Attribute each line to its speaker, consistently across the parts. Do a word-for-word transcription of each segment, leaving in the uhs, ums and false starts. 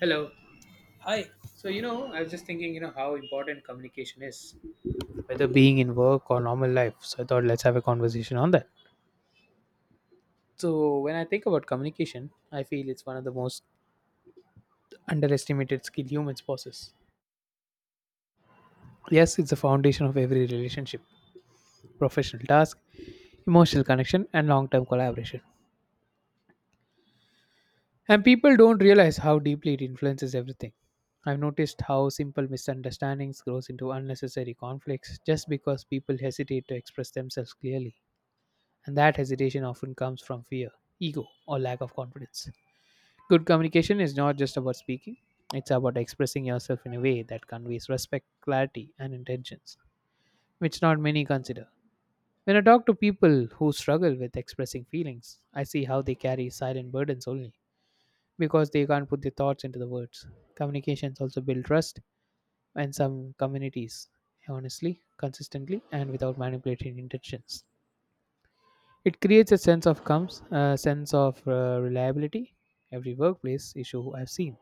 Speaker 1: Hello.
Speaker 2: Hi.
Speaker 1: So, you know, I was just thinking, you know, how important communication is, whether being in work or normal life. So, I thought let's have a conversation on that. So, when I think about communication, I feel it's one of the most underestimated skill humans possess. Yes, it's the foundation of every relationship, professional task, emotional connection, and long term collaboration. And people don't realize how deeply it influences everything. I've noticed how simple misunderstandings grows into unnecessary conflicts just because people hesitate to express themselves clearly. And that hesitation often comes from fear, ego, or lack of confidence. Good communication is not just about speaking, it's about expressing yourself in a way that conveys respect, clarity, and intentions, which not many consider. When I talk to people who struggle with expressing feelings, I see how they carry silent burdens only because they can't put their thoughts into the words. Communications also build trust in some communities, honestly, consistently, and without manipulating intentions. It creates a sense of comes, a sense of uh, reliability. Every workplace issue I've seen,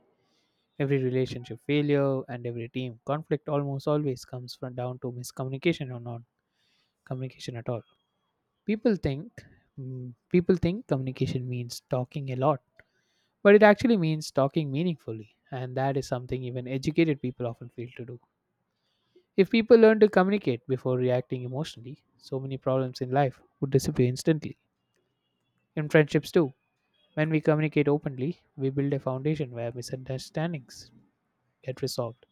Speaker 1: every relationship failure, and every team conflict almost always comes from down to miscommunication or non communication at all. People think mm, people think communication means talking a lot, but it actually means talking meaningfully, and that is something even educated people often fail to do. If people learn to communicate before reacting emotionally, so many problems in life would disappear instantly. In friendships too. When we communicate openly, we build a foundation where misunderstandings get resolved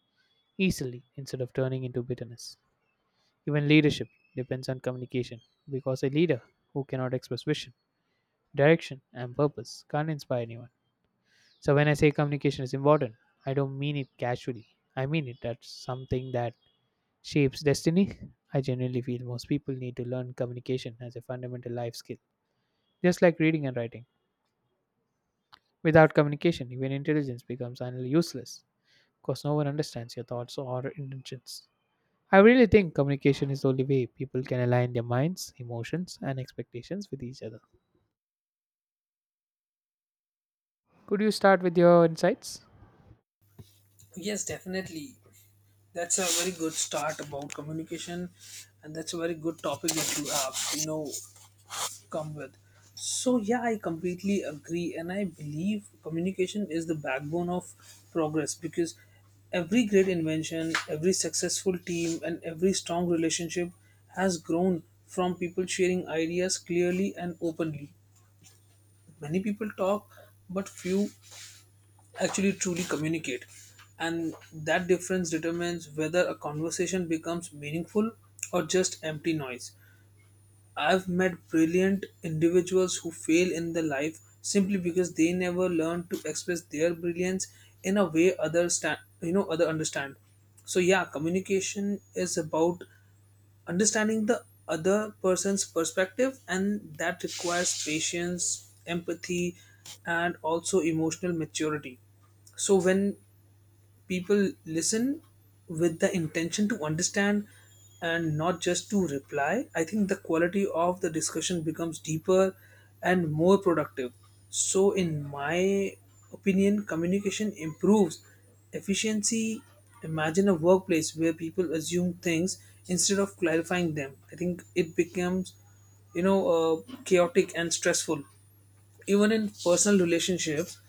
Speaker 1: easily instead of turning into bitterness. Even leadership depends on communication because a leader who cannot express vision, direction, and purpose can't inspire anyone. So, when I say communication is important, I don't mean it casually. I mean it as something that shapes destiny. I genuinely feel most people need to learn communication as a fundamental life skill, just like reading and writing. Without communication, even intelligence becomes utterly useless, because no one understands your thoughts or intentions. I really think communication is the only way people can align their minds, emotions, and expectations with each other. Could you start with your insights?
Speaker 2: Yes, definitely. That's a very good start about communication, and that's a very good topic that you have, you know, come with. So yeah, I completely agree, and I believe communication is the backbone of progress because every great invention, every successful team, and every strong relationship has grown from people sharing ideas clearly and openly. Many people talk, but few actually truly communicate, and that difference determines whether a conversation becomes meaningful or just empty noise. I've met brilliant individuals who fail in their life simply because they never learn to express their brilliance in a way others sta- you know other understand. So yeah, communication is about understanding the other person's perspective, and that requires patience, empathy, and also emotional maturity. So when people listen with the intention to understand and not just to reply, I think the quality of the discussion becomes deeper and more productive. So, in my opinion, communication improves efficiency. Imagine a workplace where people assume things instead of clarifying them. I think it becomes, you know, uh, chaotic and stressful. Even in personal relationships,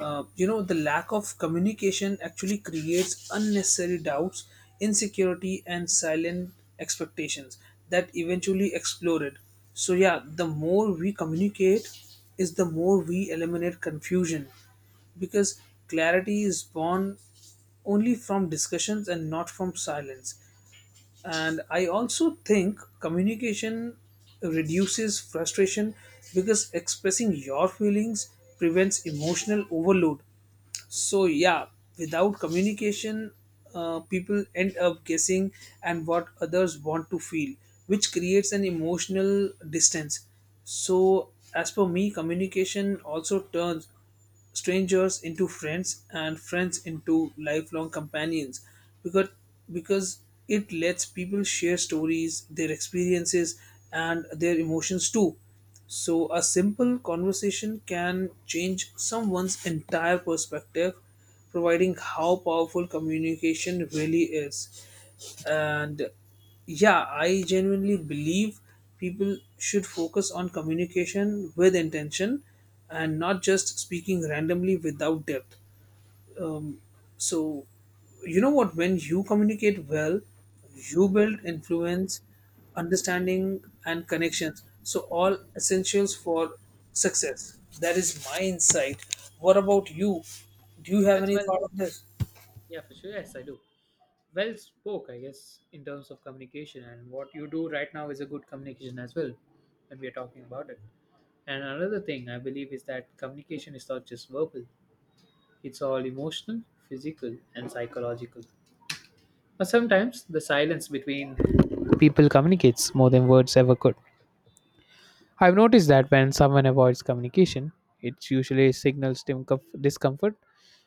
Speaker 2: uh, you know the lack of communication actually creates unnecessary doubts, insecurity, and silent expectations that eventually exploded. So yeah, the more we communicate is the more we eliminate confusion, because clarity is born only from discussions and not from silence. And I also think communication reduces frustration because expressing your feelings prevents emotional overload. So yeah, without communication, uh, people end up guessing and what others want to feel, which creates an emotional distance. So as per me, communication also turns strangers into friends and friends into lifelong companions, because because it lets people share stories, their experiences, and their emotions too. So a simple conversation can change someone's entire perspective, providing how powerful communication really is. And yeah, I genuinely believe people should focus on communication with intention and not just speaking randomly without depth. Um, so, you know what? When you communicate well, you build influence, understanding, and connections. So, all essentials for success. That is my insight. What about you? Do you have
Speaker 1: That's,
Speaker 2: any
Speaker 1: well,
Speaker 2: thought of this?
Speaker 1: yeah, for sure. Yes, I do. Well spoke, I guess, in terms of communication, and what you do right now is a good communication as well when we are talking about it. And another thing I believe is that communication is not just verbal; it's all emotional, physical, and psychological. But sometimes the silence between people communicates more than words ever could. I've noticed that when someone avoids communication, it usually signals dimcom- discomfort,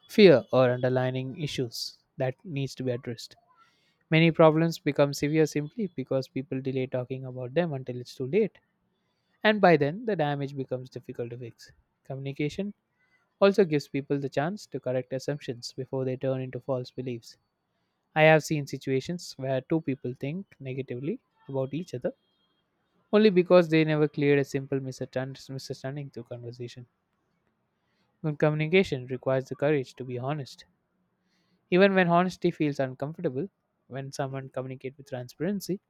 Speaker 1: fear, or underlying issues that needs to be addressed. Many problems become severe simply because people delay talking about them until it's too late, and by then the damage becomes difficult to fix. Communication also gives people the chance to correct assumptions before they turn into false beliefs. I have seen situations where two people think negatively about each other only because they never cleared a simple misunderstand- misunderstanding through conversation. Good communication requires the courage to be honest. Even when honesty feels uncomfortable, when someone communicates with transparency,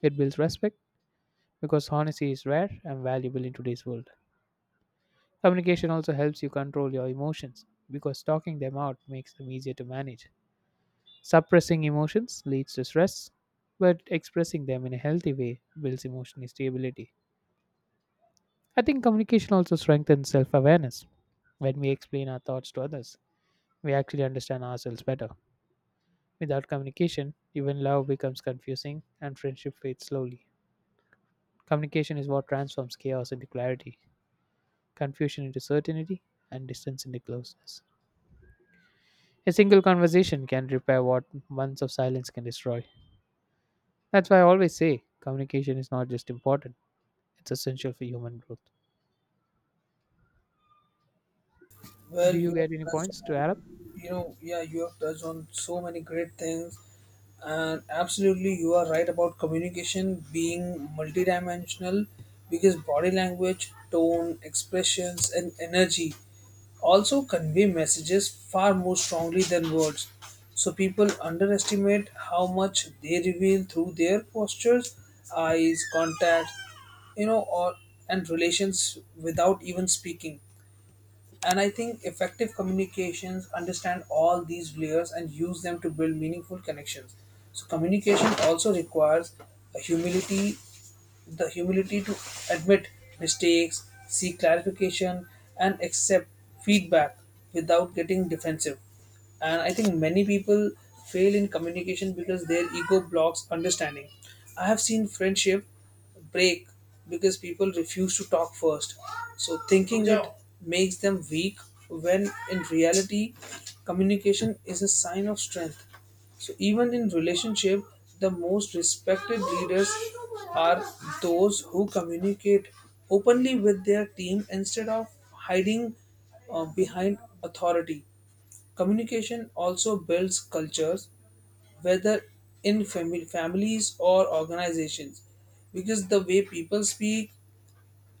Speaker 1: it builds respect because honesty is rare and valuable in today's world. Communication also helps you control your emotions because talking them out makes them easier to manage. Suppressing emotions leads to stress, but expressing them in a healthy way builds emotional stability. I think communication also strengthens self awareness. When we explain our thoughts to others, we actually understand ourselves better. Without communication, even love becomes confusing and friendship fades slowly. Communication is what transforms chaos into clarity, confusion into certainty, and distance into closeness. A single conversation can repair what months of silence can destroy. That's why I always say communication is not just important, it's essential for human growth.
Speaker 2: Well,
Speaker 1: Do you
Speaker 2: you have
Speaker 1: get any
Speaker 2: touched
Speaker 1: points to
Speaker 2: on,
Speaker 1: add up?
Speaker 2: you know, yeah, you have touched on so many great things, and absolutely, you are right about communication being multidimensional because body language, tone, expressions, and energy also convey messages far more strongly than words. So, people underestimate how much they reveal through their postures, eyes, contact, you know, or and relations without even speaking. And I think effective communications understand all these layers and use them to build meaningful connections. So communication also requires a humility, the humility to admit mistakes, seek clarification, and accept feedback without getting defensive. And I think many people fail in communication because their ego blocks understanding. I have seen friendship break because people refuse to talk first. So, thinking it makes them weak when in reality, communication is a sign of strength. So, even in relationship, the most respected leaders are those who communicate openly with their team instead of hiding uh, behind authority. Communication also builds cultures whether in fami- families or organizations, because the way people speak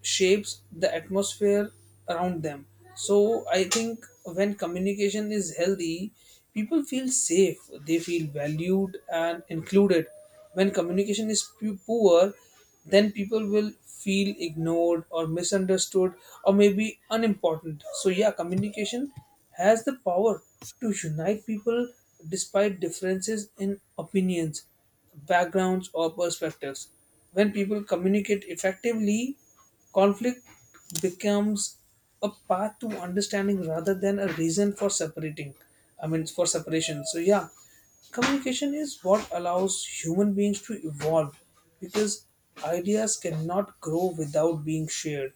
Speaker 2: shapes the atmosphere around them. So I think when communication is healthy, people feel safe, they feel valued and included. When communication is pu- poor, then people will feel ignored or misunderstood or maybe unimportant. So yeah, communication has the power to unite people despite differences in opinions, backgrounds, or perspectives. When people communicate effectively, conflict becomes a path to understanding rather than a reason for separating. I mean, for separation. So, yeah, communication is what allows human beings to evolve because ideas cannot grow without being shared.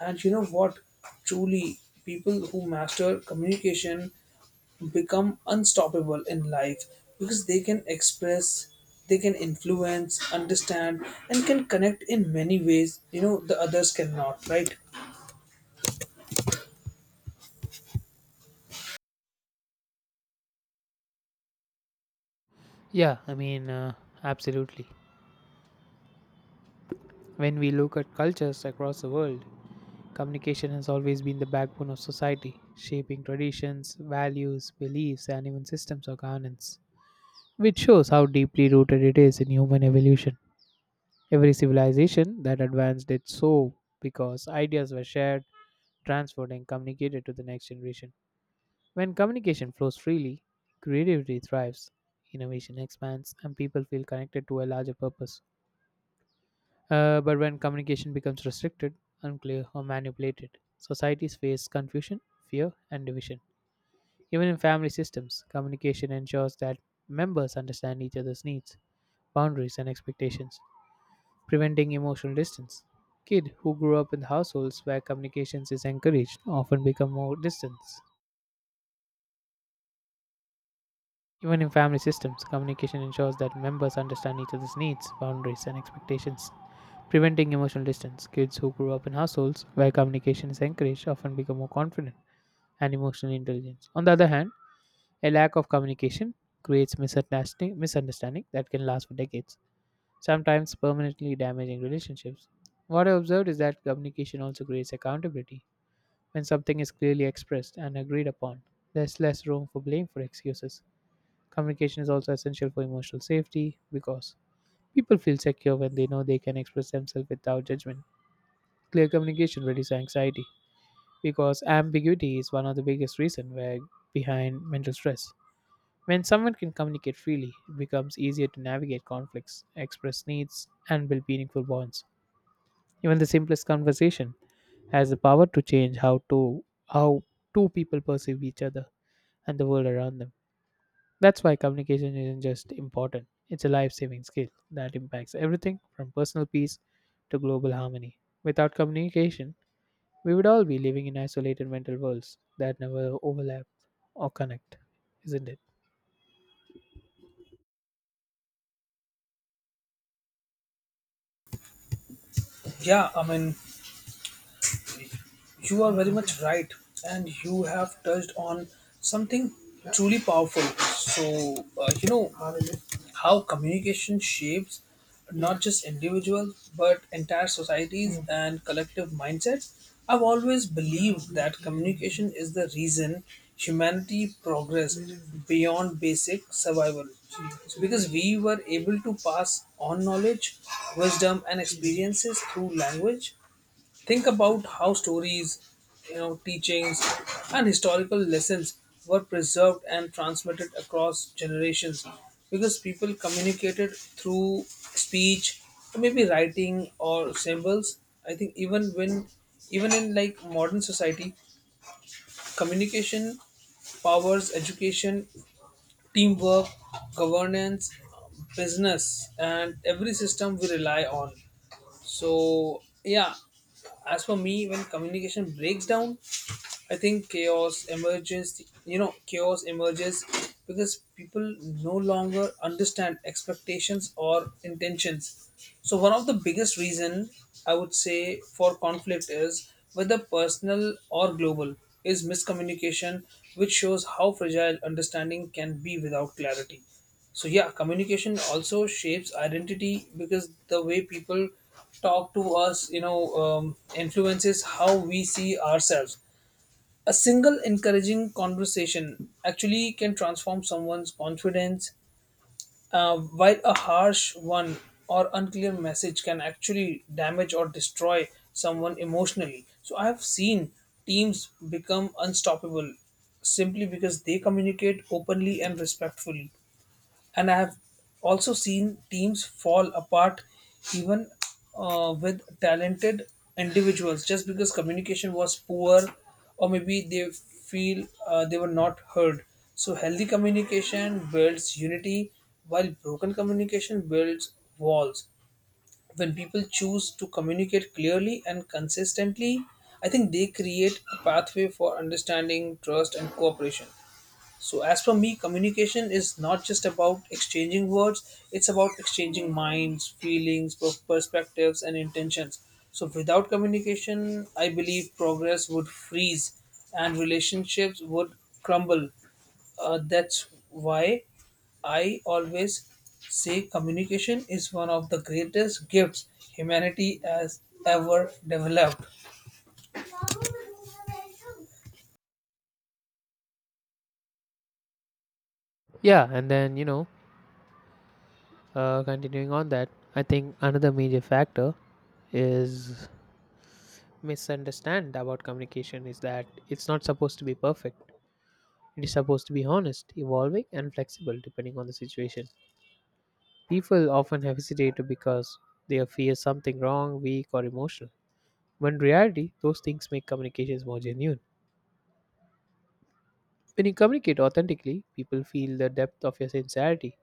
Speaker 2: And you know what? Truly, people who master communication become unstoppable in life because they can express, they can influence, understand, and can connect in many ways, you know, the others cannot, right?
Speaker 1: Yeah, I mean, uh, absolutely. When we look at cultures across the world, communication has always been the backbone of society, shaping traditions, values, beliefs, and even systems of governance, which shows how deeply rooted it is in human evolution. Every civilization that advanced did so because ideas were shared, transferred, and communicated to the next generation. When communication flows freely, creativity thrives, innovation expands, and people feel connected to a larger purpose. Uh, but when communication becomes restricted, unclear, or manipulated, societies face confusion, fear, and division. Even in family systems, communication ensures that members understand each other's needs, boundaries, and expectations, preventing emotional distance. Kids who grow up in households where communications is encouraged often become more distant. Even in family systems, communication ensures that members understand each other's needs, boundaries, and expectations, preventing emotional distance. Kids who grow up in households where communication is encouraged often become more confident and emotionally intelligent. On the other hand, a lack of communication creates misunderstanding, misunderstanding that can last for decades, sometimes permanently damaging relationships. What I observed is that communication also creates accountability. When something is clearly expressed and agreed upon, there's less room for blame for excuses. Communication is also essential for emotional safety because people feel secure when they know they can express themselves without judgment. Clear communication reduces anxiety because ambiguity is one of the biggest reasons where behind mental stress. When someone can communicate freely, it becomes easier to navigate conflicts, express needs, and build meaningful bonds. Even the simplest conversation has the power to change how to how two people perceive each other and the world around them. That's why communication isn't just important, it's a life saving skill that impacts everything from personal peace to global harmony. Without communication, we would all be living in isolated mental worlds that never overlap or connect, isn't it?
Speaker 2: Yeah, I mean, you are very much right, and you have touched on something truly powerful. So, uh, you know, how communication shapes not just individuals but entire societies and collective mindsets. I've always believed that communication is the reason humanity progressed beyond basic survival. So because we were able to pass on knowledge, wisdom, and experiences through language, think about how stories, you know, teachings, and historical lessons were preserved and transmitted across generations because people communicated through speech, or maybe writing or symbols. I think even when even in like modern society, communication powers education, teamwork, governance, business, and every system we rely on. So, yeah, as for me, when communication breaks down, I think chaos emerges, you know, chaos emerges because people no longer understand expectations or intentions. So one of the biggest reason I would say for conflict, is whether personal or global, is miscommunication, which shows how fragile understanding can be without clarity. So yeah, communication also shapes identity because the way people talk to us, you know, um, influences how we see ourselves. A single encouraging conversation actually can transform someone's confidence, uh, while a harsh one or unclear message can actually damage or destroy someone emotionally. So, I have seen teams become unstoppable simply because they communicate openly and respectfully, and I have also seen teams fall apart even uh, with talented individuals just because communication was poor or maybe they feel uh, they were not heard. So healthy communication builds unity while broken communication builds walls. When people choose to communicate clearly and consistently, I think they create a pathway for understanding, trust, and cooperation. So, as for me, communication is not just about exchanging words, it's about exchanging minds, feelings, per- perspectives, and intentions. So, without communication, I believe progress would freeze and relationships would crumble. Uh, that's why I always say communication is one of the greatest gifts humanity has ever developed.
Speaker 1: Yeah, and then, you know, Uh, continuing on that, I think another major factor is misunderstand about communication is that it's not supposed to be perfect. It is supposed to be honest, evolving, and flexible depending on the situation. People often hesitate because they fear something wrong, weak, or emotional. When in reality, those things make communications more genuine. When you communicate authentically, people feel the depth of your sincerity.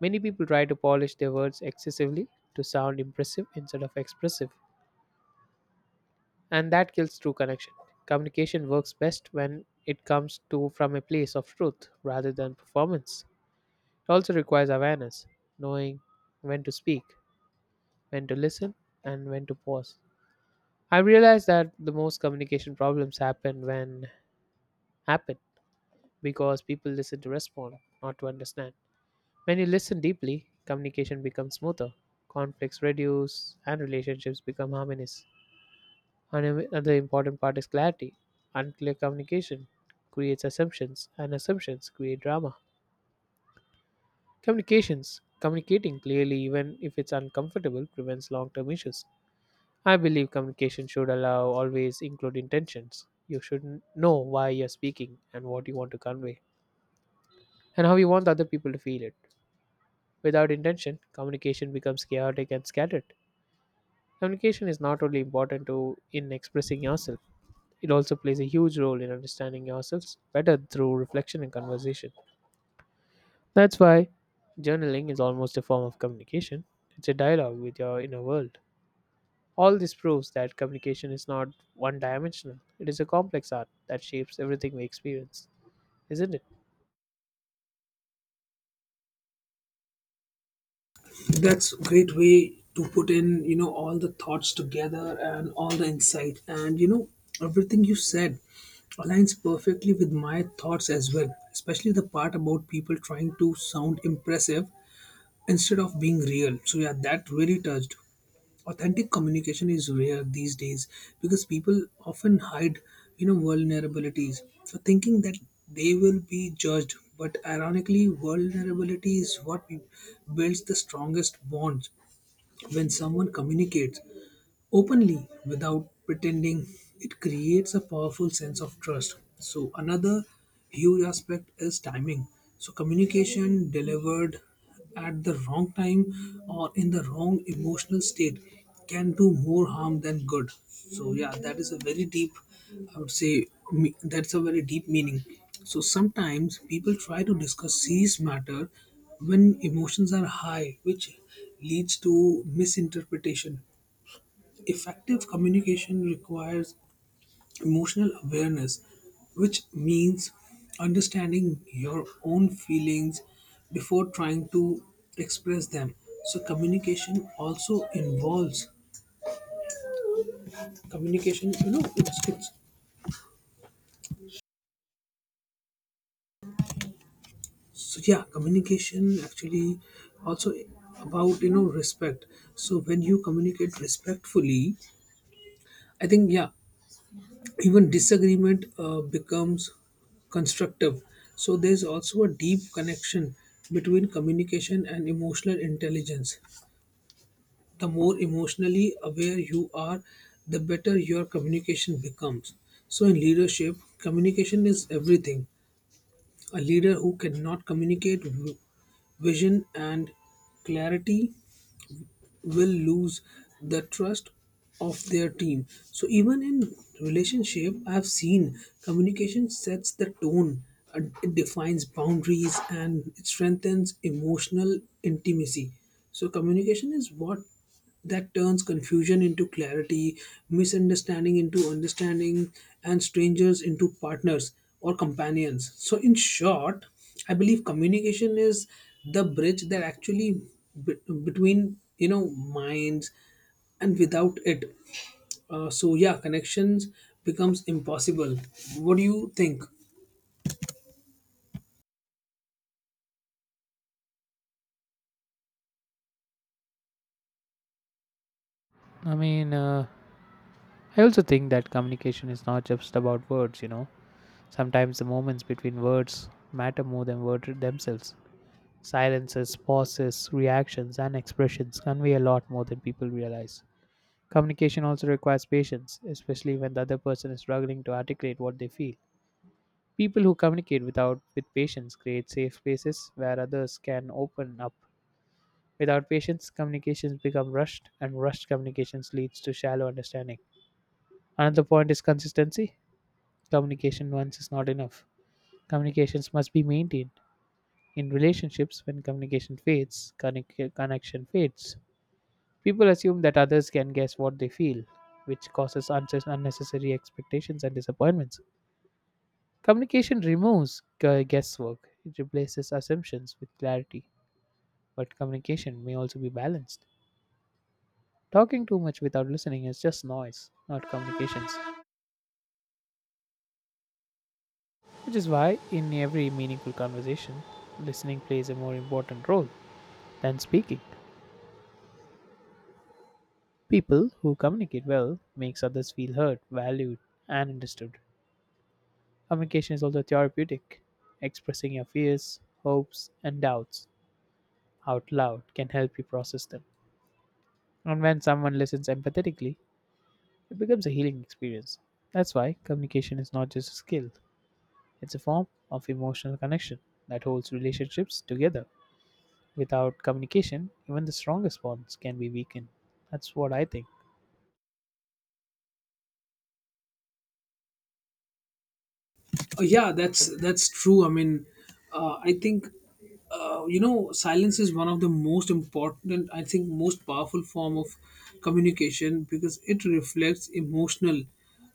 Speaker 1: Many people try to polish their words excessively to sound impressive instead of expressive. And that kills true connection. Communication works best when it comes to from a place of truth rather than performance. It also requires awareness, knowing when to speak, when to listen, and when to pause. I realized that the most communication problems happen when happen because people listen to respond, not to understand. When you listen deeply, communication becomes smoother, conflicts reduce, and relationships become harmonious. And another important part is clarity. Unclear communication creates assumptions, and assumptions create drama. Communications, communicating clearly even if it's uncomfortable, prevents long term issues. I believe communication should allow always include intentions. You should know why you're speaking and what you want to convey, and how you want other people to feel it. Without intention, communication becomes chaotic and scattered. Communication is not only important to in expressing yourself, it also plays a huge role in understanding yourselves better through reflection and conversation. That's why journaling is almost a form of communication. It's a dialogue with your inner world. All this proves that communication is not one dimensional, it is a complex art that shapes everything we experience, isn't it?
Speaker 2: That's a great way to put in, you know, all the thoughts together and all the insight. And, you know, everything you said aligns perfectly with my thoughts as well, especially the part about people trying to sound impressive instead of being real. So, yeah, that really touched. Authentic communication is rare these days because people often hide, you know, vulnerabilities. So, thinking that they will be judged, but ironically vulnerability is what builds the strongest bonds. When someone communicates openly without pretending, it creates a powerful sense of trust. So another huge aspect is timing. So communication delivered at the wrong time or in the wrong emotional state can do more harm than good. So yeah, that is a very deep, I would say me- that's a very deep meaning. So sometimes people try to discuss serious matter when emotions are high, which leads to misinterpretation. Effective communication requires emotional awareness, which means understanding your own feelings before trying to express them. So communication also involves communication. You know, it's, it's so yeah, communication actually also about you know respect. So when you communicate respectfully, I think yeah, even disagreement uh, becomes constructive. So there's also a deep connection between communication and emotional intelligence. The more emotionally aware you are, the better your communication becomes. So in leadership, communication is everything. A leader who cannot communicate v- vision and clarity will lose the trust of their team. So even in relationship, I've seen communication sets the tone, and it defines boundaries, and it strengthens emotional intimacy. So communication is what that turns confusion into clarity, misunderstanding into understanding, and strangers into partners or companions. So, in short, I believe communication is the bridge that actually be- between you know minds, and without it, uh, so yeah, connections becomes impossible. What do you think?
Speaker 1: I mean, uh, I also think that communication is not just about words, you know. Sometimes the moments between words matter more than words themselves. Silences, pauses, reactions, and expressions convey a lot more than people realize. Communication also requires patience, especially when the other person is struggling to articulate what they feel. People who communicate without with patience create safe spaces where others can open up. Without patience, communications become rushed, and rushed communications leads to shallow understanding. Another point is consistency. Communication once is not enough. Communications must be maintained. In relationships, when communication fades, connec- connection fades. People assume that others can guess what they feel, which causes unces- unnecessary expectations and disappointments. Communication removes gu- guesswork, it replaces assumptions with clarity, but communication may also be balanced. Talking too much without listening is just noise, not communications, which is why in every meaningful conversation, listening plays a more important role than speaking. People who communicate well makes others feel heard, valued, and understood. Communication is also therapeutic. Expressing your fears, hopes, and doubts out loud can help you process them. And when someone listens empathetically, it becomes a healing experience. That's why communication is not just a skill, it's a form of emotional connection that holds relationships together. Without communication, even the strongest bonds can be weakened. That's what I think.
Speaker 2: Oh, yeah, that's that's true. I mean, uh, I think uh, you know silence is one of the most important. I think most powerful form of communication because it reflects emotional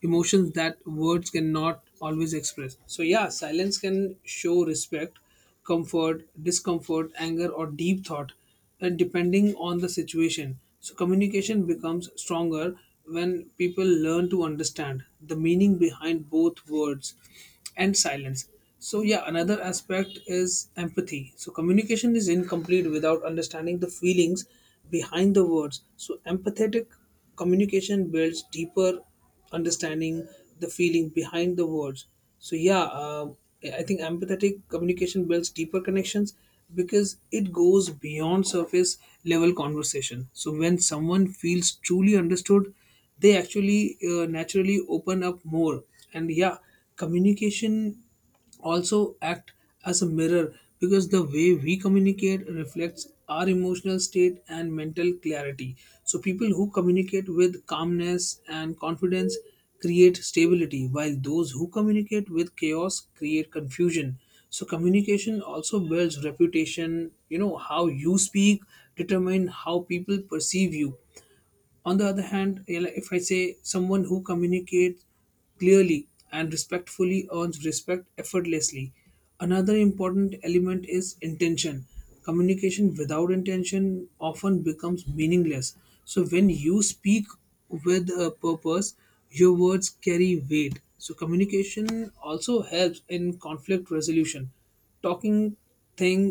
Speaker 2: emotions that words cannot always express. So yeah, silence can show respect, comfort, discomfort, anger, or deep thought, uh, depending on the situation. So, communication becomes stronger when people learn to understand the meaning behind both words and silence. So, yeah, another aspect is empathy. So, communication is incomplete without understanding the feelings behind the words. So, empathetic communication builds deeper understanding the feeling behind the words. So yeah, uh, I think empathetic communication builds deeper connections because it goes beyond surface level conversation. So when someone feels truly understood, they actually uh, naturally open up more. And yeah, communication also act as a mirror because the way we communicate reflects our emotional state and mental clarity. So, people who communicate with calmness and confidence create stability, while those who communicate with chaos create confusion. So, communication also builds reputation. You know, how you speak determine how people perceive you. On the other hand, eh, like if I say, someone who communicates clearly and respectfully earns respect effortlessly. Another important element is intention. Communication without intention often becomes meaningless. So when you speak with a purpose, your words carry weight. So communication also helps in conflict resolution. Talking thing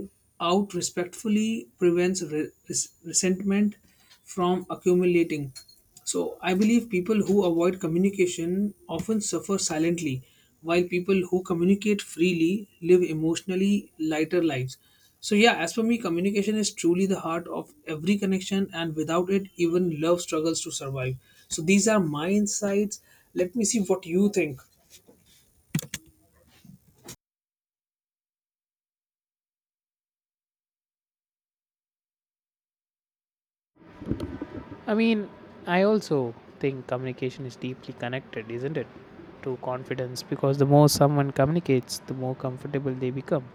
Speaker 2: out respectfully prevents re- res- resentment from accumulating. So, I believe people who avoid communication often suffer silently, while people who communicate freely live emotionally lighter lives. So, yeah, as for me, communication is truly the heart of every connection, and without it, even love struggles to survive. So, these are my insights. Let me see what you think.
Speaker 1: I mean, I also think communication is deeply connected, isn't it, to confidence because the more someone communicates, the more comfortable they become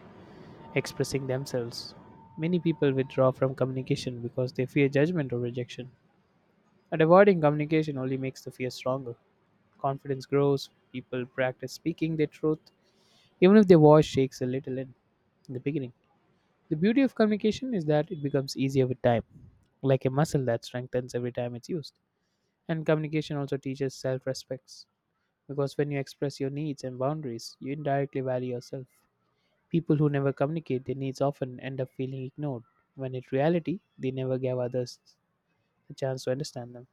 Speaker 1: expressing themselves. Many people withdraw from communication because they fear judgment or rejection, and avoiding communication only makes the fear stronger. Confidence grows, people practice speaking their truth, even if their voice shakes a little in in the beginning. The beauty of communication is that it becomes easier with time, like a muscle that strengthens every time it's used. And communication also teaches self respect because when you express your needs and boundaries, you indirectly value yourself. People who never communicate their needs often end up feeling ignored, when in reality, they never gave others a chance to understand them.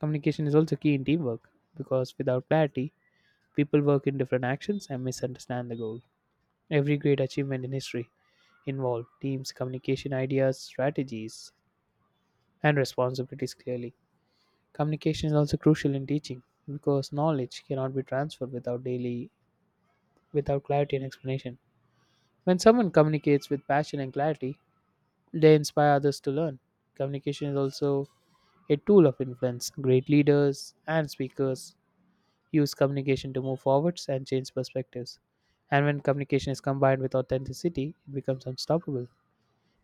Speaker 1: Communication is also key in teamwork because without clarity, people work in different actions and misunderstand the goal. Every great achievement in history involved teams, communication ideas, strategies, and responsibilities clearly. Communication is also crucial in teaching because knowledge cannot be transferred without daily without clarity and explanation. When someone communicates with passion and clarity, they inspire others to learn. Communication is also a tool of influence. Great leaders and speakers use communication to move forwards and change perspectives. And when communication is combined with authenticity, it becomes unstoppable.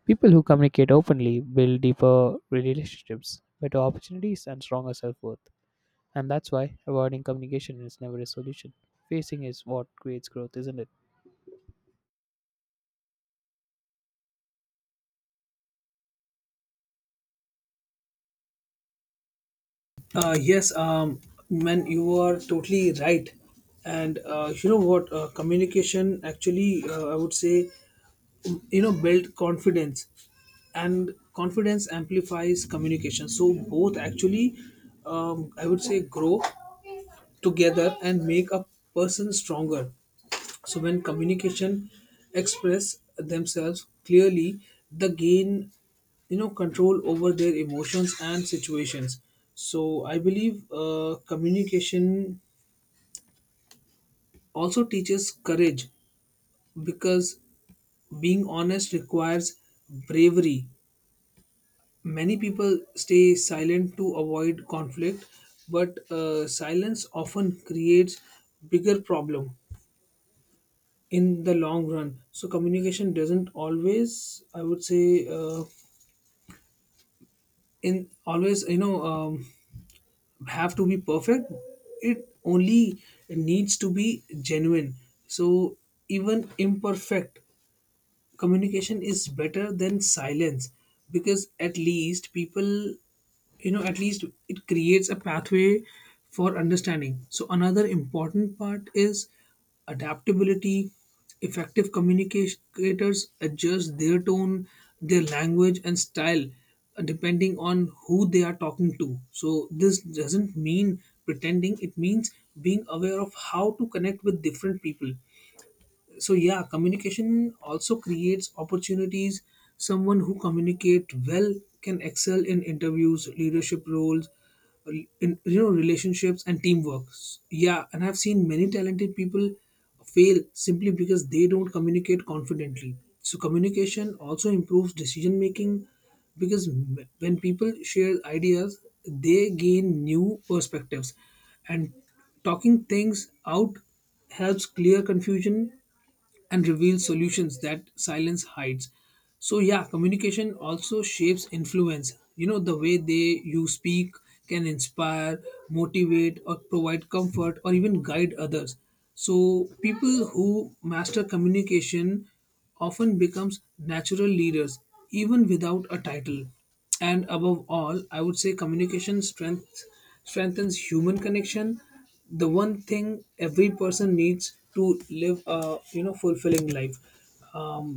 Speaker 1: People who communicate openly build deeper relationships, better opportunities, and stronger self worth. And that's why avoiding communication is never a solution. Facing is what creates growth, isn't it?
Speaker 2: Uh, yes, um, man, you are totally right. And uh, you know what? Uh, communication actually, uh, I would say, you know, build confidence, and confidence amplifies communication. So both actually, um, I would say, grow together and make a person stronger. So when communication express themselves clearly, they gain you know control over their emotions and situations. So I believe uh, communication also teaches courage because being honest requires bravery. Many people stay silent to avoid conflict, but uh, silence often creates bigger problem in the long run. So communication doesn't always I would say uh, in always you know um, have to be perfect, it only needs to be genuine. So even imperfect communication is better than silence because at least people you know at least it creates a pathway for understanding. So another important part is adaptability. Effective communicators adjust their tone, their language, and style uh, depending on who they are talking to. So this doesn't mean pretending, it means being aware of how to connect with different people. So yeah, communication also creates opportunities. Someone who communicate well can excel in interviews, leadership roles, re- in you know relationships and teamwork. Yeah, and I've seen many talented people fail simply because they don't communicate confidently. So communication also improves decision making because m- when people share ideas, they gain new perspectives, and talking things out helps clear confusion and reveals solutions that silence hides. So, yeah, communication also shapes influence. You know, the way they you speak can inspire, motivate, or provide comfort or even guide others. So, people who master communication often becomes natural leaders even without a title. And above all, I would say communication strength strengthens human connection, the one thing every person needs to live a you know fulfilling life. um,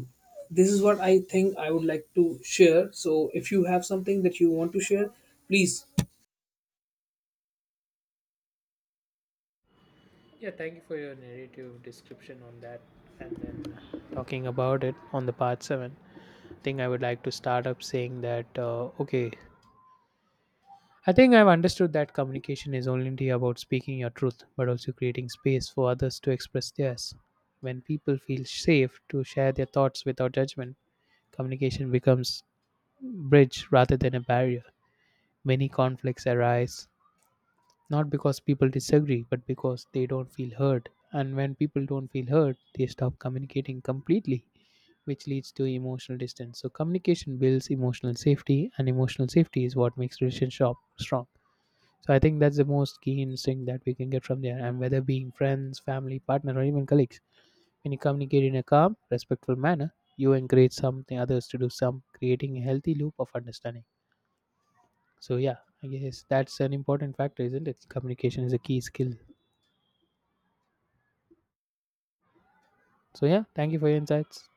Speaker 2: this is what I think I would like to share. So if you have something that you want to share, please.
Speaker 1: Yeah, thank you for your narrative description on that. And then, talking about it on the part seven, I think I would like to start up saying that, uh, okay, I think I've understood that communication is only about speaking your truth but also creating space for others to express theirs. When people feel safe to share their thoughts without judgment, communication becomes bridge rather than a barrier. Many conflicts arise not because people disagree, but because they don't feel heard. And when people don't feel heard, they stop communicating completely, which leads to emotional distance. So, communication builds emotional safety, and emotional safety is what makes relationship strong. So, I think that's the most key instinct that we can get from there. And whether being friends, family, partner, or even colleagues, when you communicate in a calm, respectful manner, you encourage something others to do some, creating a healthy loop of understanding. So, yeah, I guess that's an important factor, isn't it? Communication is a key skill. So yeah, thank you for your insights.